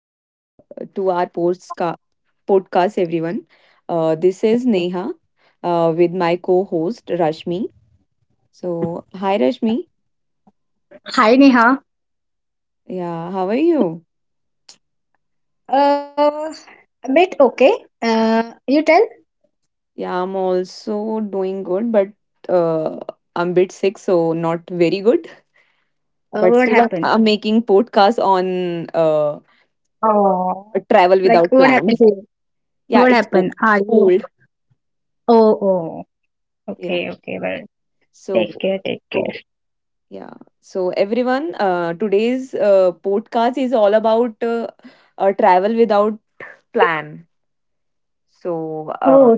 uh, to our podcast, everyone. This is Neha with my co host Rashmi. So, hi Rashmi. Yeah, how are you? Yeah, I'm also doing good, but uh, I'm bit sick, so not very good. But still, I'm making podcast on travel without plan. Yeah, cold. Yeah, so. Yeah. So, everyone, today's podcast is all about travel without plan. So, uh,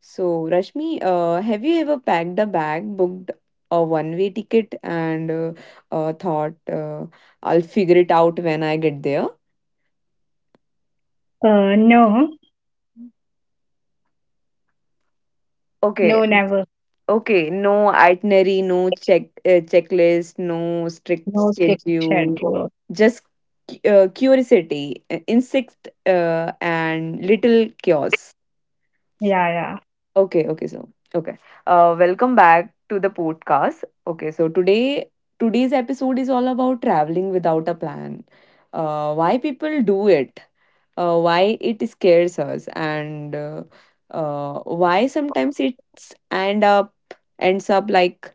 so Rashmi, have you ever packed a bag, booked a one-way ticket, and thought, I'll figure it out when I get there? Okay. Okay, no itinerary, no checklist, no strict schedule, just curiosity, insect, and little chaos. Okay, okay, so okay. Welcome back to the podcast. Okay, so today's episode is all about traveling without a plan. Why people do it, why it scares us, and why sometimes it's end up ends up like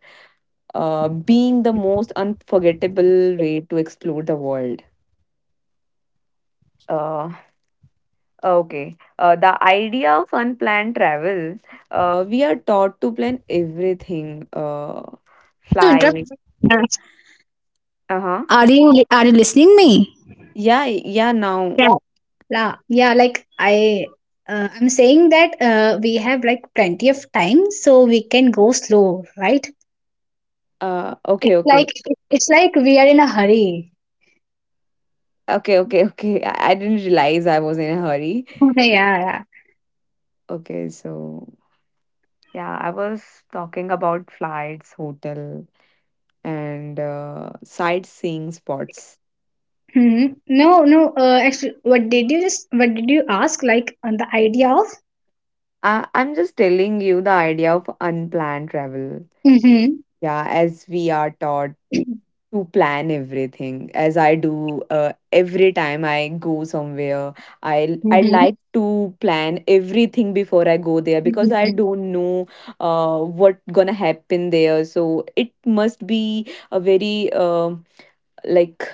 being the most unforgettable way to explore the world. Uh, okay. The idea of unplanned travel, we are taught to plan everything. Fly. Uh huh. Yeah, yeah. Now, uh, okay, okay, okay. I didn't realize I was in a hurry. Okay, so yeah, I was talking about flights, hotel, and sightseeing spots. I'm just telling you the idea of unplanned travel. Yeah, as we are taught to plan everything, as I do every time I go somewhere. I like to plan everything before I go there because I don't know what gonna happen there. So it must be a like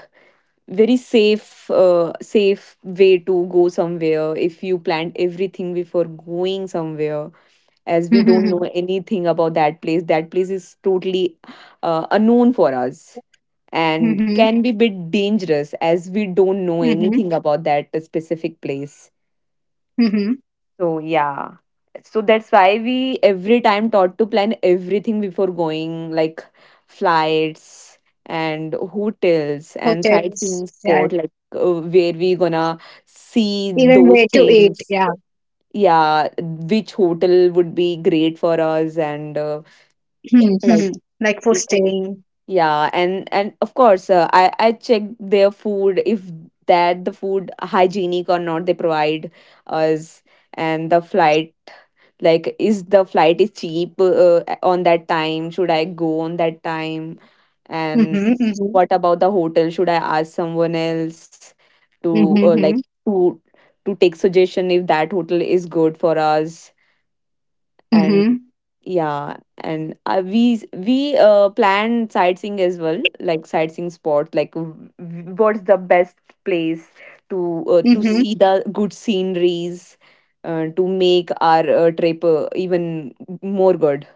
very safe way to go somewhere if you plan everything before going somewhere as we don't know anything about that place. That place is totally unknown for us and can be bit dangerous as we don't know anything about that specific place. So yeah. So that's why we every time taught to plan everything before going, like flights and hotels and sightseeing spot, like where we gonna see those things. Yeah, which hotel would be great for us and like it- yeah, and of course I check their food if that the food hygienic or not they provide us, and the flight, like is the flight is cheap on that time, should I go on that time, and what about the hotel, should I ask someone else to to to take suggestion if that hotel is good for us. And yeah, and we plan sightseeing as well, like sightseeing spot, like what's the best place to see the good sceneries to make our trip even more good.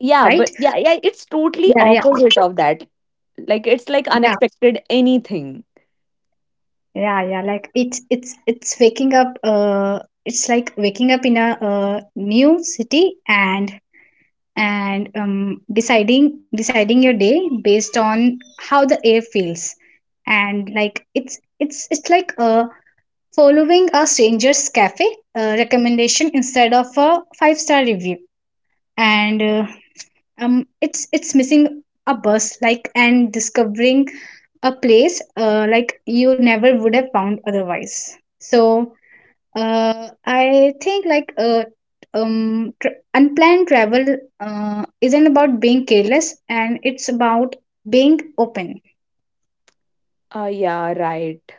Yeah, but yeah, yeah, it's totally opposite of that, like it's like unexpected anything. Yeah, right.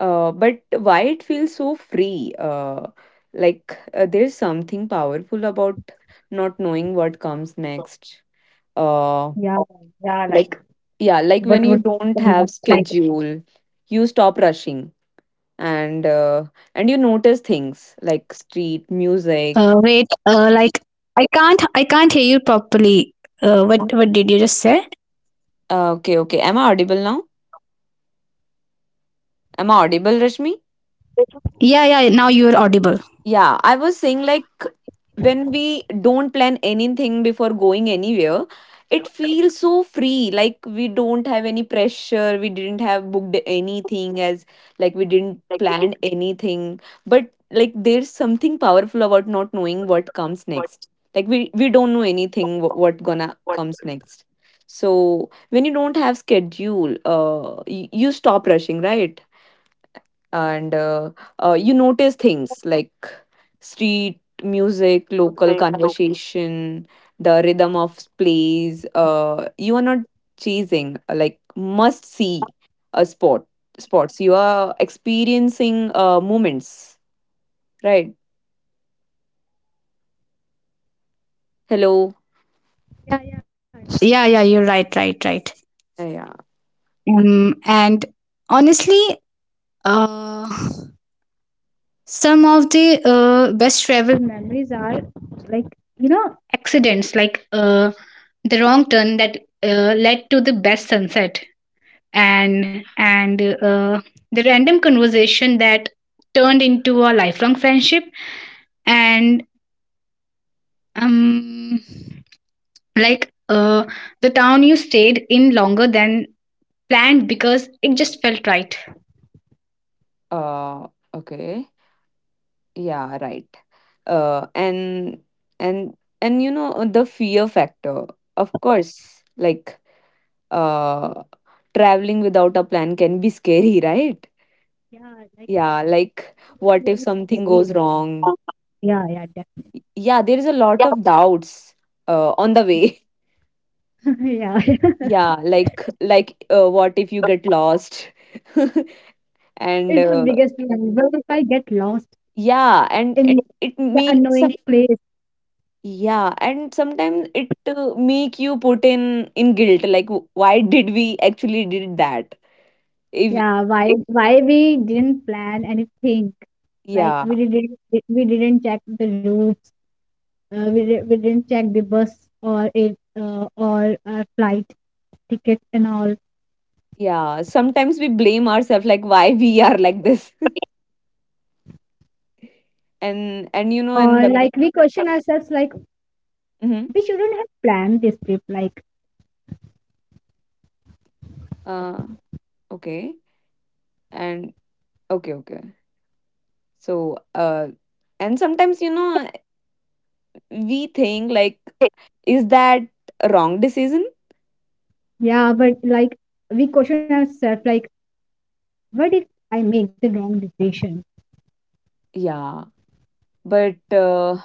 But why it feels so free? There's something powerful about not knowing what comes next. Uh, like yeah, like when you don't have schedule, you stop rushing, and you notice things like street music. Okay, okay. Am I audible now? Am I audible, Rashmi? Yeah, I was saying like when we don't plan anything before going anywhere, it feels so free. Like we don't have any pressure. We didn't have booked anything as like we didn't plan anything. But like there's something powerful about not knowing what comes next. Like we don't know anything what gonna comes next. So when you don't have schedule, you stop rushing, right? And you notice things like street music, local conversation, the rhythm of plays. You are not chasing must see a sport sports. You are experiencing moments, right? Hello. Yeah. Uh, okay. Yeah. Right. Uh, and and you know the fear factor. Of course, like uh, traveling without a plan can be scary, right? Yeah, like what if something goes wrong? Yeah, there is a lot of doubts on the way. Yeah, like what if you get lost? And yeah, and yeah, and sometimes it make you put in guilt, like why did we actually did that? If yeah, yeah, sometimes we blame ourselves like why we are like this. And you know and but Mhm. uh okay. And okay, okay. So, and sometimes, you know, we think like, is that a wrong decision? Yeah. But uh,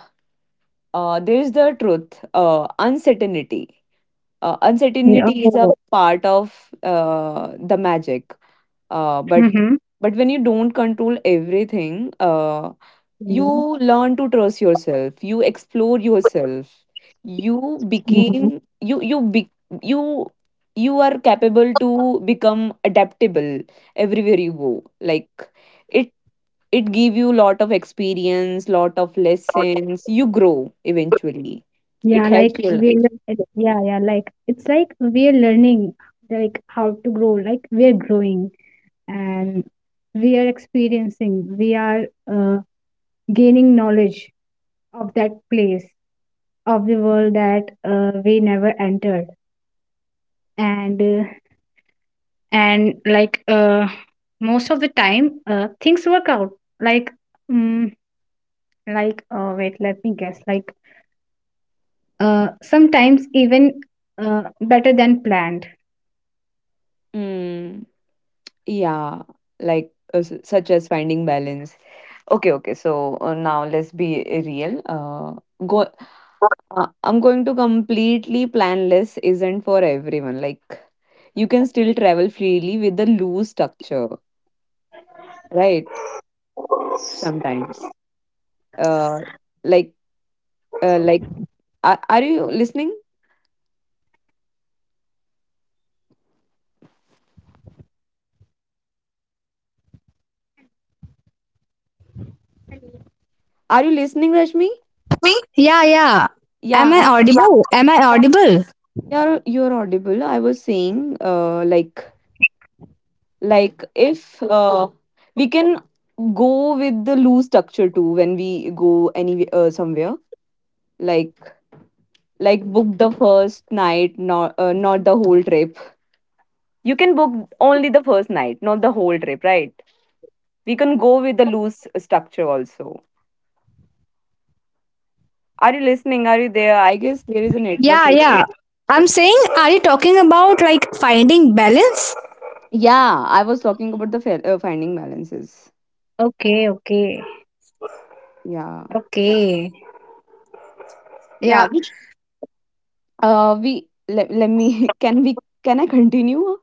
uh, there's the truth, uncertainty. Uncertainty is a part of the magic. Uh, but but when you don't control everything, you learn to trust yourself, you explore yourself, you became you you be, you you are capable to become adaptable everywhere you go, like it it give you lot of experience, lot of lessons, you grow eventually, it helps your life. Mm, yeah, like such as finding balance. Okay, okay. So now let's be real. Go. I'm going to completely planless isn't for everyone. Like you can still travel freely with the loose structure, right? Sometimes. Uh, like uh, like are you listening? Are you listening, Rashmi? Yeah, yeah. Am Yeah, I audible? Am I yeah. audible? You're audible. I was saying if we can go with the loose structure too when we go any somewhere, like book the first night, not not the whole trip. You can book only the first night, not the whole trip, right? We can go with the loose structure also. Are you listening, are you there? I guess there is a network Yeah, issue. yeah. I'm saying, are you talking about like finding balance? Yeah, I was talking about the finding balances. Yeah, yeah, which we let, let me can we, can I continue.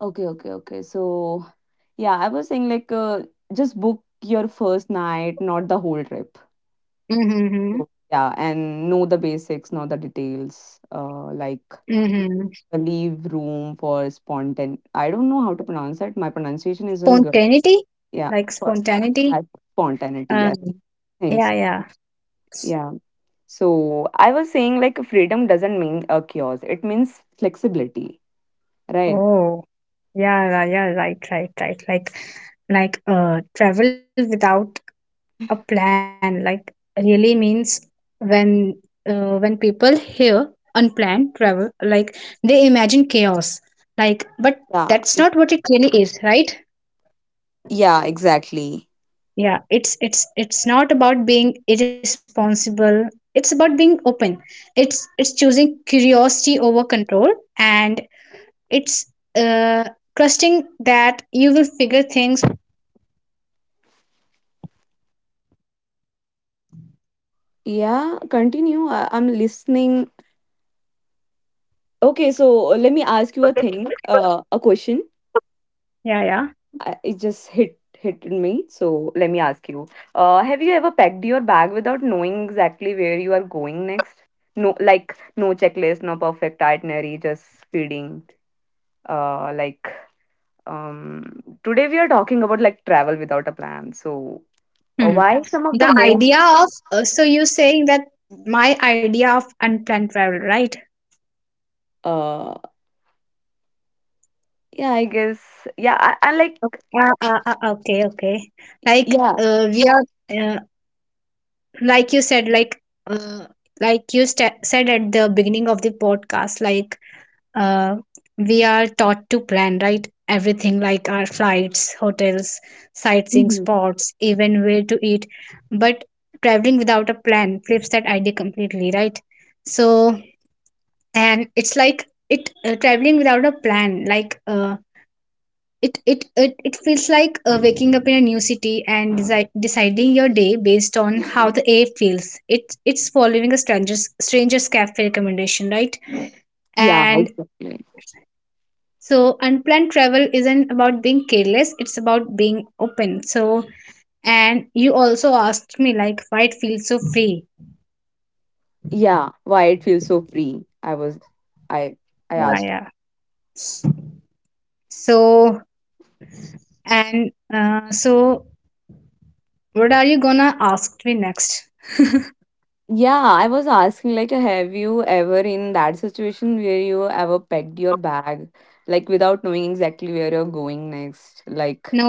Okay, okay, okay. So, yeah, I was saying like just book your first night, not the whole trip. So, yeah, and know the basics, know the details. Like leave room for spontan. I don't know how to pronounce it. My pronunciation isn't good. Yeah, for uh, spontaneity. Yeah, thanks. Yeah. So I was saying like freedom doesn't mean a chaos. It means flexibility, right? Yeah. Yeah, exactly. Yeah, continue. I'm listening. Okay, so let me ask you a thing, a question. It just hit me. So let me ask you. Have you ever packed your bag without knowing exactly where you are going next? No, like no checklist, no perfect itinerary, just speeding. Uh, like today we are talking about like travel without a plan. So why some of the most uh yeah, I guess, yeah, I like, yeah. Mhm. Yeah, exactly. Yeah, why it feels so free. I I asked. Yeah, I was asking like have you ever in that situation where you ever packed your bag like without knowing exactly where you're going next? Like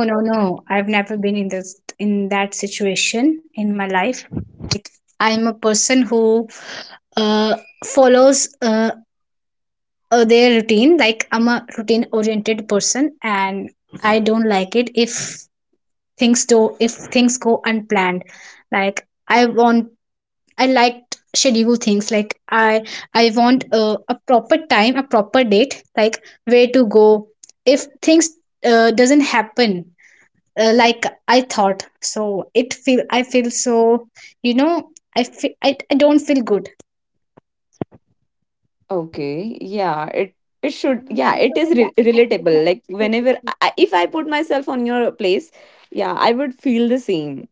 okay, yeah, it should yeah, it is relatable. Like whenever if I put myself on your place, yeah, I would feel the same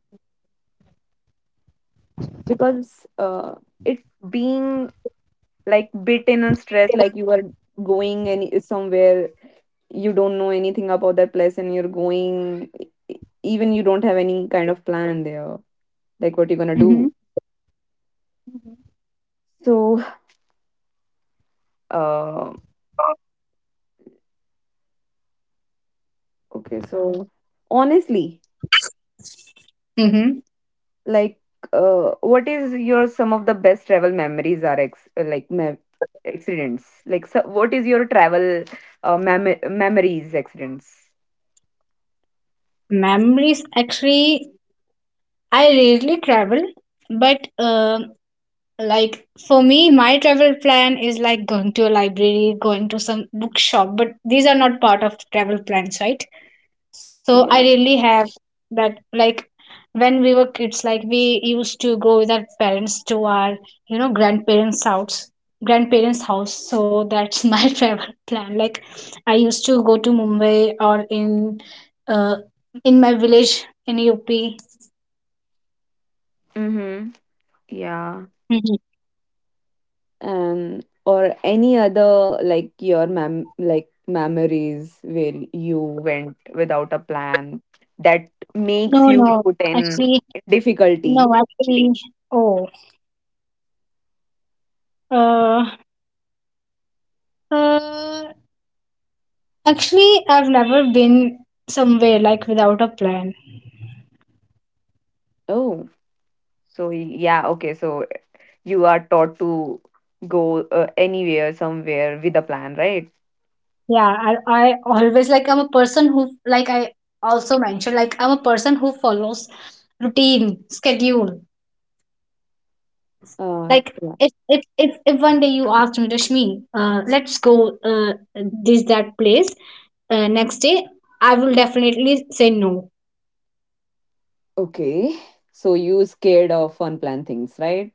because it being like beaten and stressed, like you are going any somewhere, you don't know anything about that place, and you're going, even you don't have any kind of plan there, like what you're gonna do. So uh okay, so honestly, like what is your some of the best travel memories are accidents. Like so what is your travel memories accidents. Yeah. Mm-hmm. Yeah. Um, or any other like your memories where you went without a plan that makes you put in difficulty. Oh, so yeah, okay, so you are taught to go anywhere somewhere with a plan, right? uh yeah, okay. Okay. So you scared of unplanned things, right?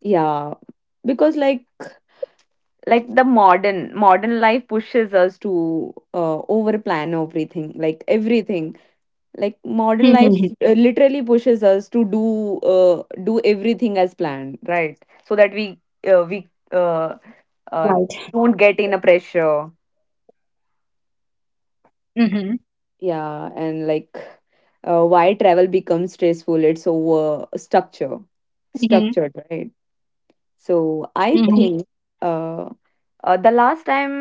Yeah, because like the modern life pushes us to over plan everything, like everything, like modern life literally pushes us to do do everything as planned, right? So that we uh, don't get in a pressure. Yeah, and like why travel becomes stressful, it's over structured, right? So I think uh, the last time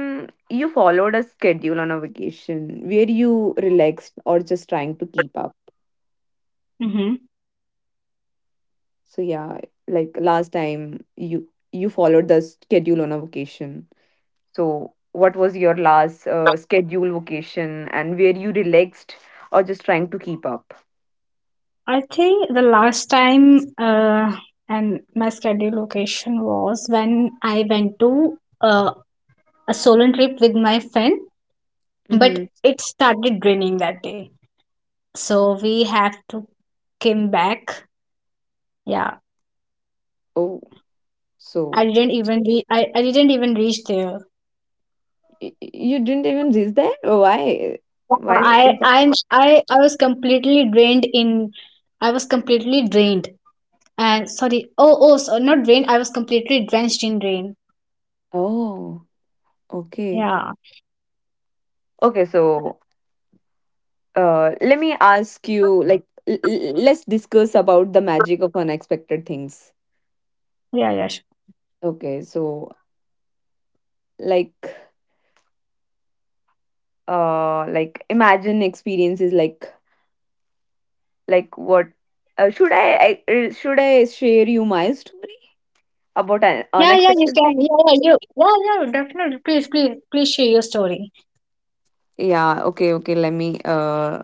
you followed a schedule on a vacation where you relaxed or just trying to keep up. So yeah, like last time you followed the schedule on a vacation. So what was your last schedule vacation and where you relaxed or just trying to keep up? Mm-hmm. Oh, so you didn't even reach there? Why? Why is that? Oh, okay. Okay, so let me ask you, let's discuss about the magic of unexpected things. Okay, so, like like imagine experiences, like what, should I should I share you my story about an unexpected things? Yeah, okay, okay, let me uh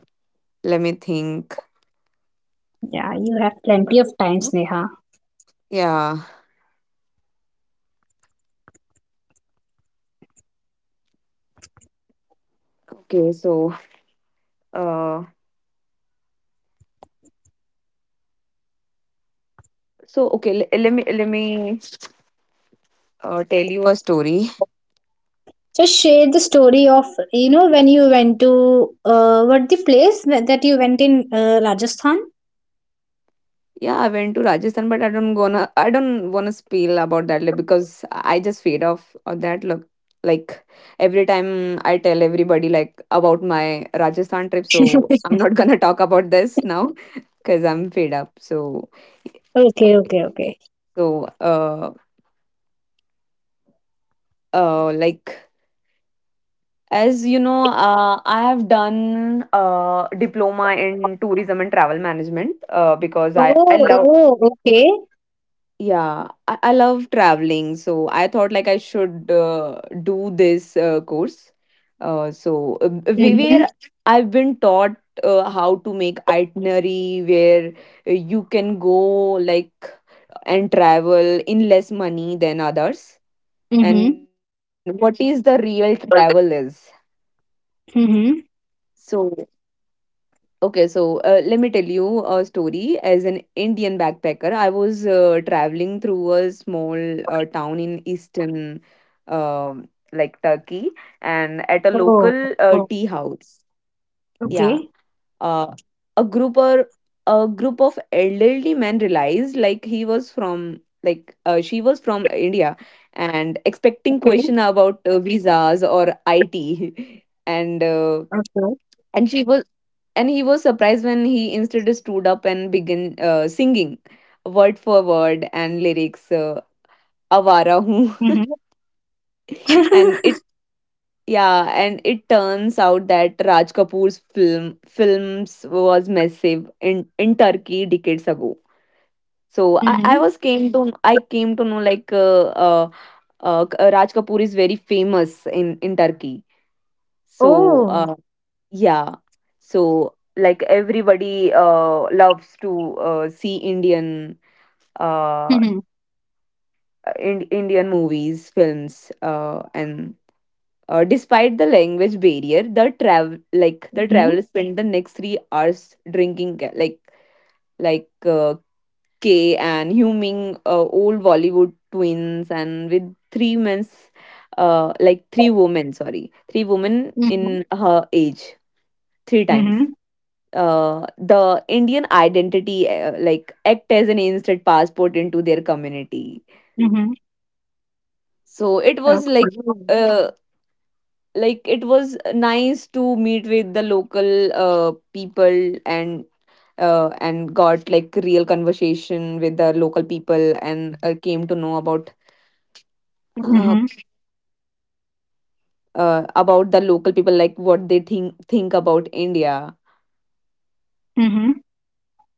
let me think. Yeah. Okay, so, uh okay, l- let me tell you a story. Yeah, I went to Rajasthan, but I don't wanna spill about that, like, because I just feed off of that. Look, like every time I tell everybody, like, about my Rajasthan trip, so I'm not gonna talk about this now because I'm fed up. So. Okay. So, like, as you know, I have done diploma in tourism and travel management. Because I love Yeah, I love traveling, so I thought like I should do this course. Uh, so uh, where I've been taught, how to make itinerary, where you can go, like, and travel in less money than others, and what is the real travel is. So. Okay, so, let me tell you a story. As an Indian backpacker, I was traveling through a small town in eastern, um, like, Turkey, and at a local tea house. Yeah. uh, a group or a group of elderly men realized, like, he was from, she was from India, and expecting question about visas or IT, and she was and he was surprised when he instead stood up and began singing word for word and lyrics, awara hu. and it Yeah, and it turns out that Raj Kapoor's films was massive in Turkey decades ago. So I was came to I came to know, like, uh, Raj Kapoor is very famous in Turkey. So. Uh, Yeah. So, like, everybody loves to see Indian, uh in Indian movies, films, and despite the language barrier, the travelers spend the next 3 hours drinking like uh, K, and humming old Bollywood twins, and with three men's like three women sorry three women in her age three times. The Indian identity, like, act as an instant passport into their community. So it was like, uh, it was nice to meet with the local people, and got like real conversation with the local people, and came to know about, uh, about the local people, like what they think about India.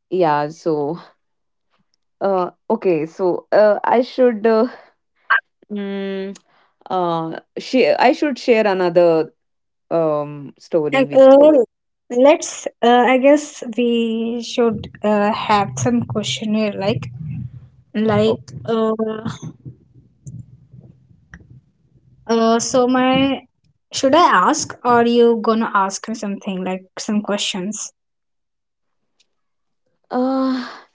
Yeah, so, okay, so, I should Mm, I should share another story with you. Oh. uh,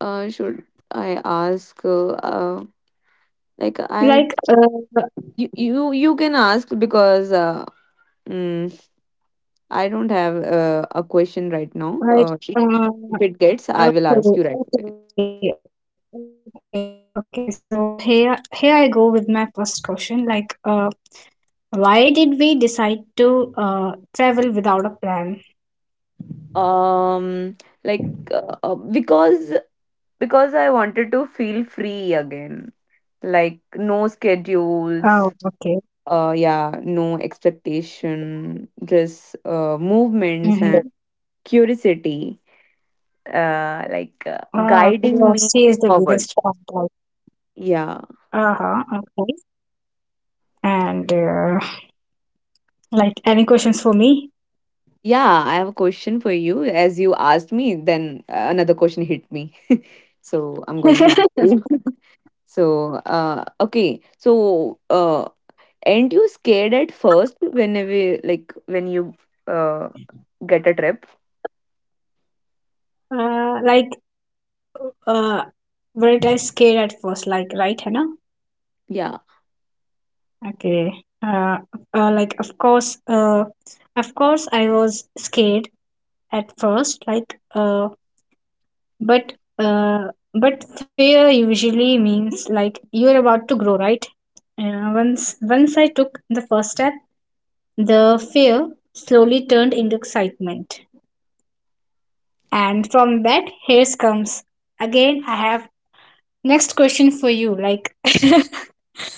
should I ask? Like, you, you can ask because, mm, I don't have a question right now. If it gets, I will ask you right away. Um, like uh, uh, because because I wanted to feel free again, like no schedules, yeah, no expectation, just movements and curiosity, uh like uh, guiding me forward. Yeah. Yeah, I have a question for you. As you asked me, then another question hit me. So I'm going to ask you. So, aren't you scared at first whenever, when you uh get a trip? Yeah.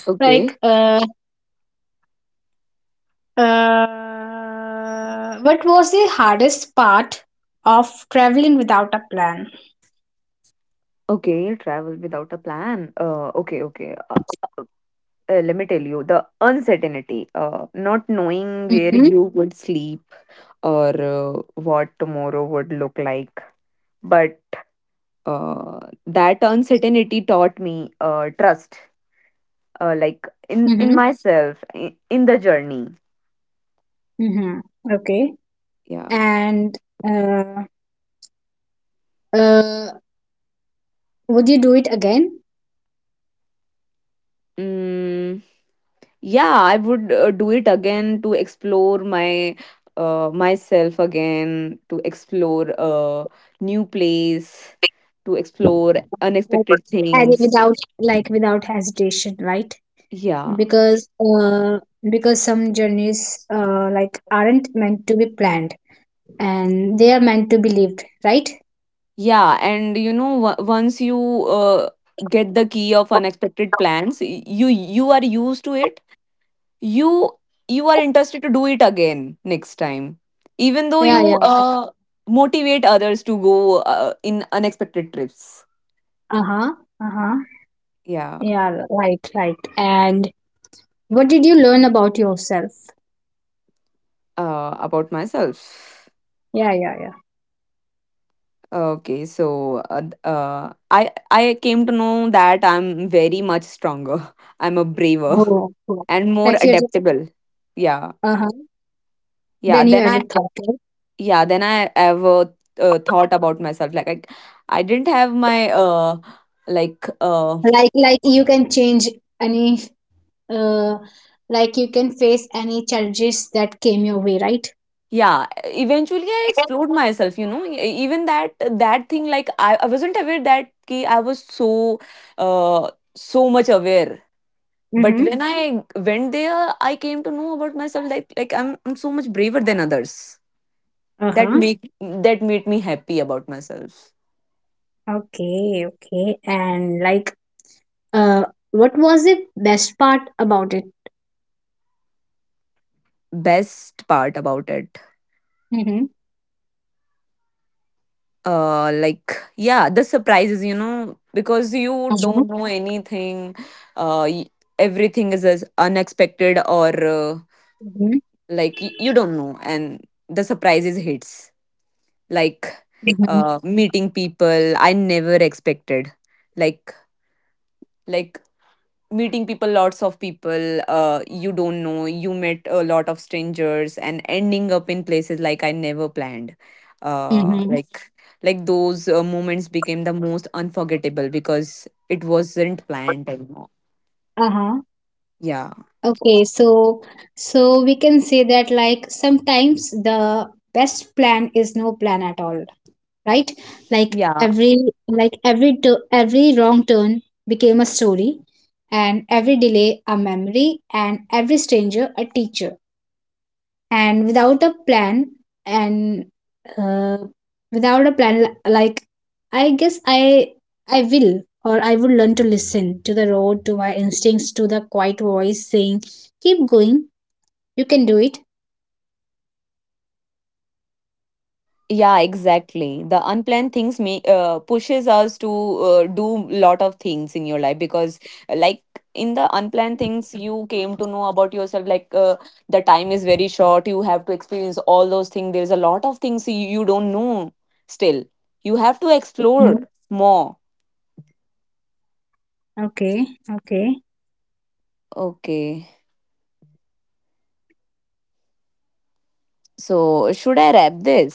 Okay. Okay, travel without a plan. Okay, okay. Uh, Let me tell you the uncertainty, not knowing where you would sleep or what tomorrow would look like. But that uncertainty taught me, trust, like, in myself, in the journey. Yeah. Mm. Yeah, I would do it again to explore my myself again, to explore a new place, to explore unexpected things. Yeah. Yeah, and you know, once you get the key of unexpected plans, you are used to it. You you are interested to do it again next time. Even though you, motivate others to go, in unexpected trips. Yeah. About myself. Okay, so, I came to know that I'm very much stronger. I'm a braver and more adaptable. Yeah, yeah. Then I ever thought about myself. Like I didn't have my, like uh yeah, eventually I explored myself, you know. Even that thing, like, I wasn't aware that ki I was so, so much aware. But when I went there, I came to know about myself, like I'm so much braver than others. That made me happy about myself. Best part about it, uh, like yeah, the surprises, you know, because you don't know anything. Uh, y- Everything is as unexpected, you don't know, and the surprises hits, like, meeting people I never expected, like like meeting people lots of people, you don't know, you met a lot of strangers, and ending up in places like I never planned, uh, like those moments became the most unforgettable because it wasn't planned anymore. Yeah, yeah, yeah, exactly. The unplanned things may, pushes us to, do lot of things in your life, because, like, in the unplanned things you came to know about yourself, like, the time is very short. You have to experience all those things. There's a lot of things you don't know. Still, you have to explore more. Okay, so should I wrap this?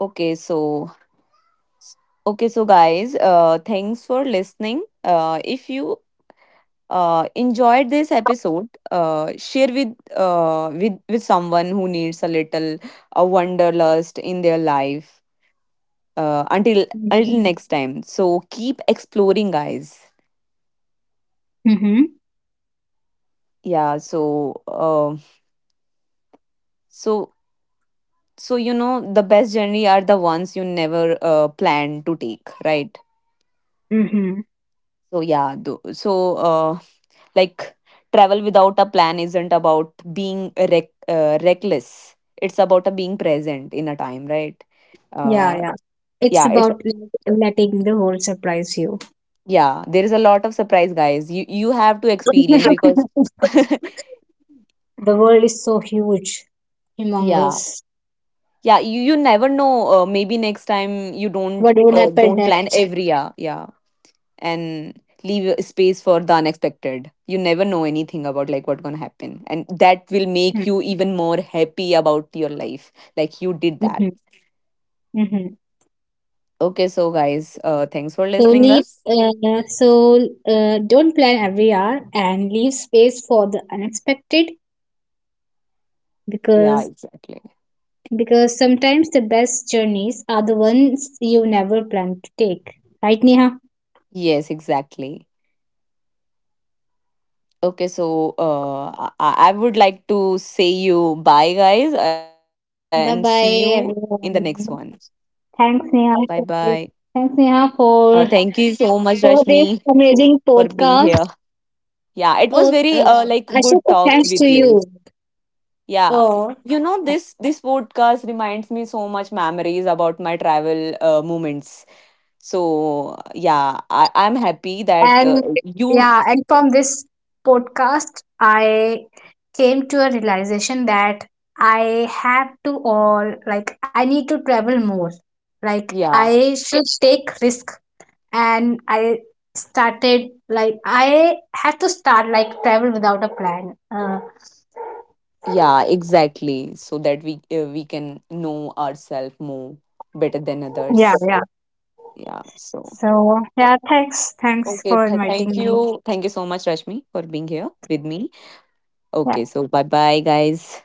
okay so okay, so guys, thanks for listening. If you enjoyed this episode, share with someone who needs a little, a wanderlust in their life. Uh, until until next time. So keep exploring, guys. Yeah. So so you know, the best journey are the ones you never plan to take, right? So yeah. Like, travel without a plan isn't about being, reckless. It's about a being present in a time, right? uh, yeah. it's Yeah, there is a lot of surprise, guys. You have to experience because... Yeah, yeah. You never know. Maybe next time you don't, don't plan every year. Yeah. And leave a space for the unexpected. You never know anything about, like, what's gonna happen, and that will make you even more happy about your life, like you did that. Okay, so guys, thanks for listening us. Yeah, exactly. Yes, exactly. Okay, so, I would like to say you bye, guys, and see you in the next one. Bye bye. Thank you so much, Rashmi, for being here. Yeah, it was very, good talk with you. Yeah, you know, this podcast reminds me so much memories about my travel, moments. So yeah, I'm happy that you... Yeah. Yeah, exactly. So that we can know ourselves more better than others. Yeah. So, okay, thank you so much, Rashmi, for being here with me. Okay. So bye bye, guys.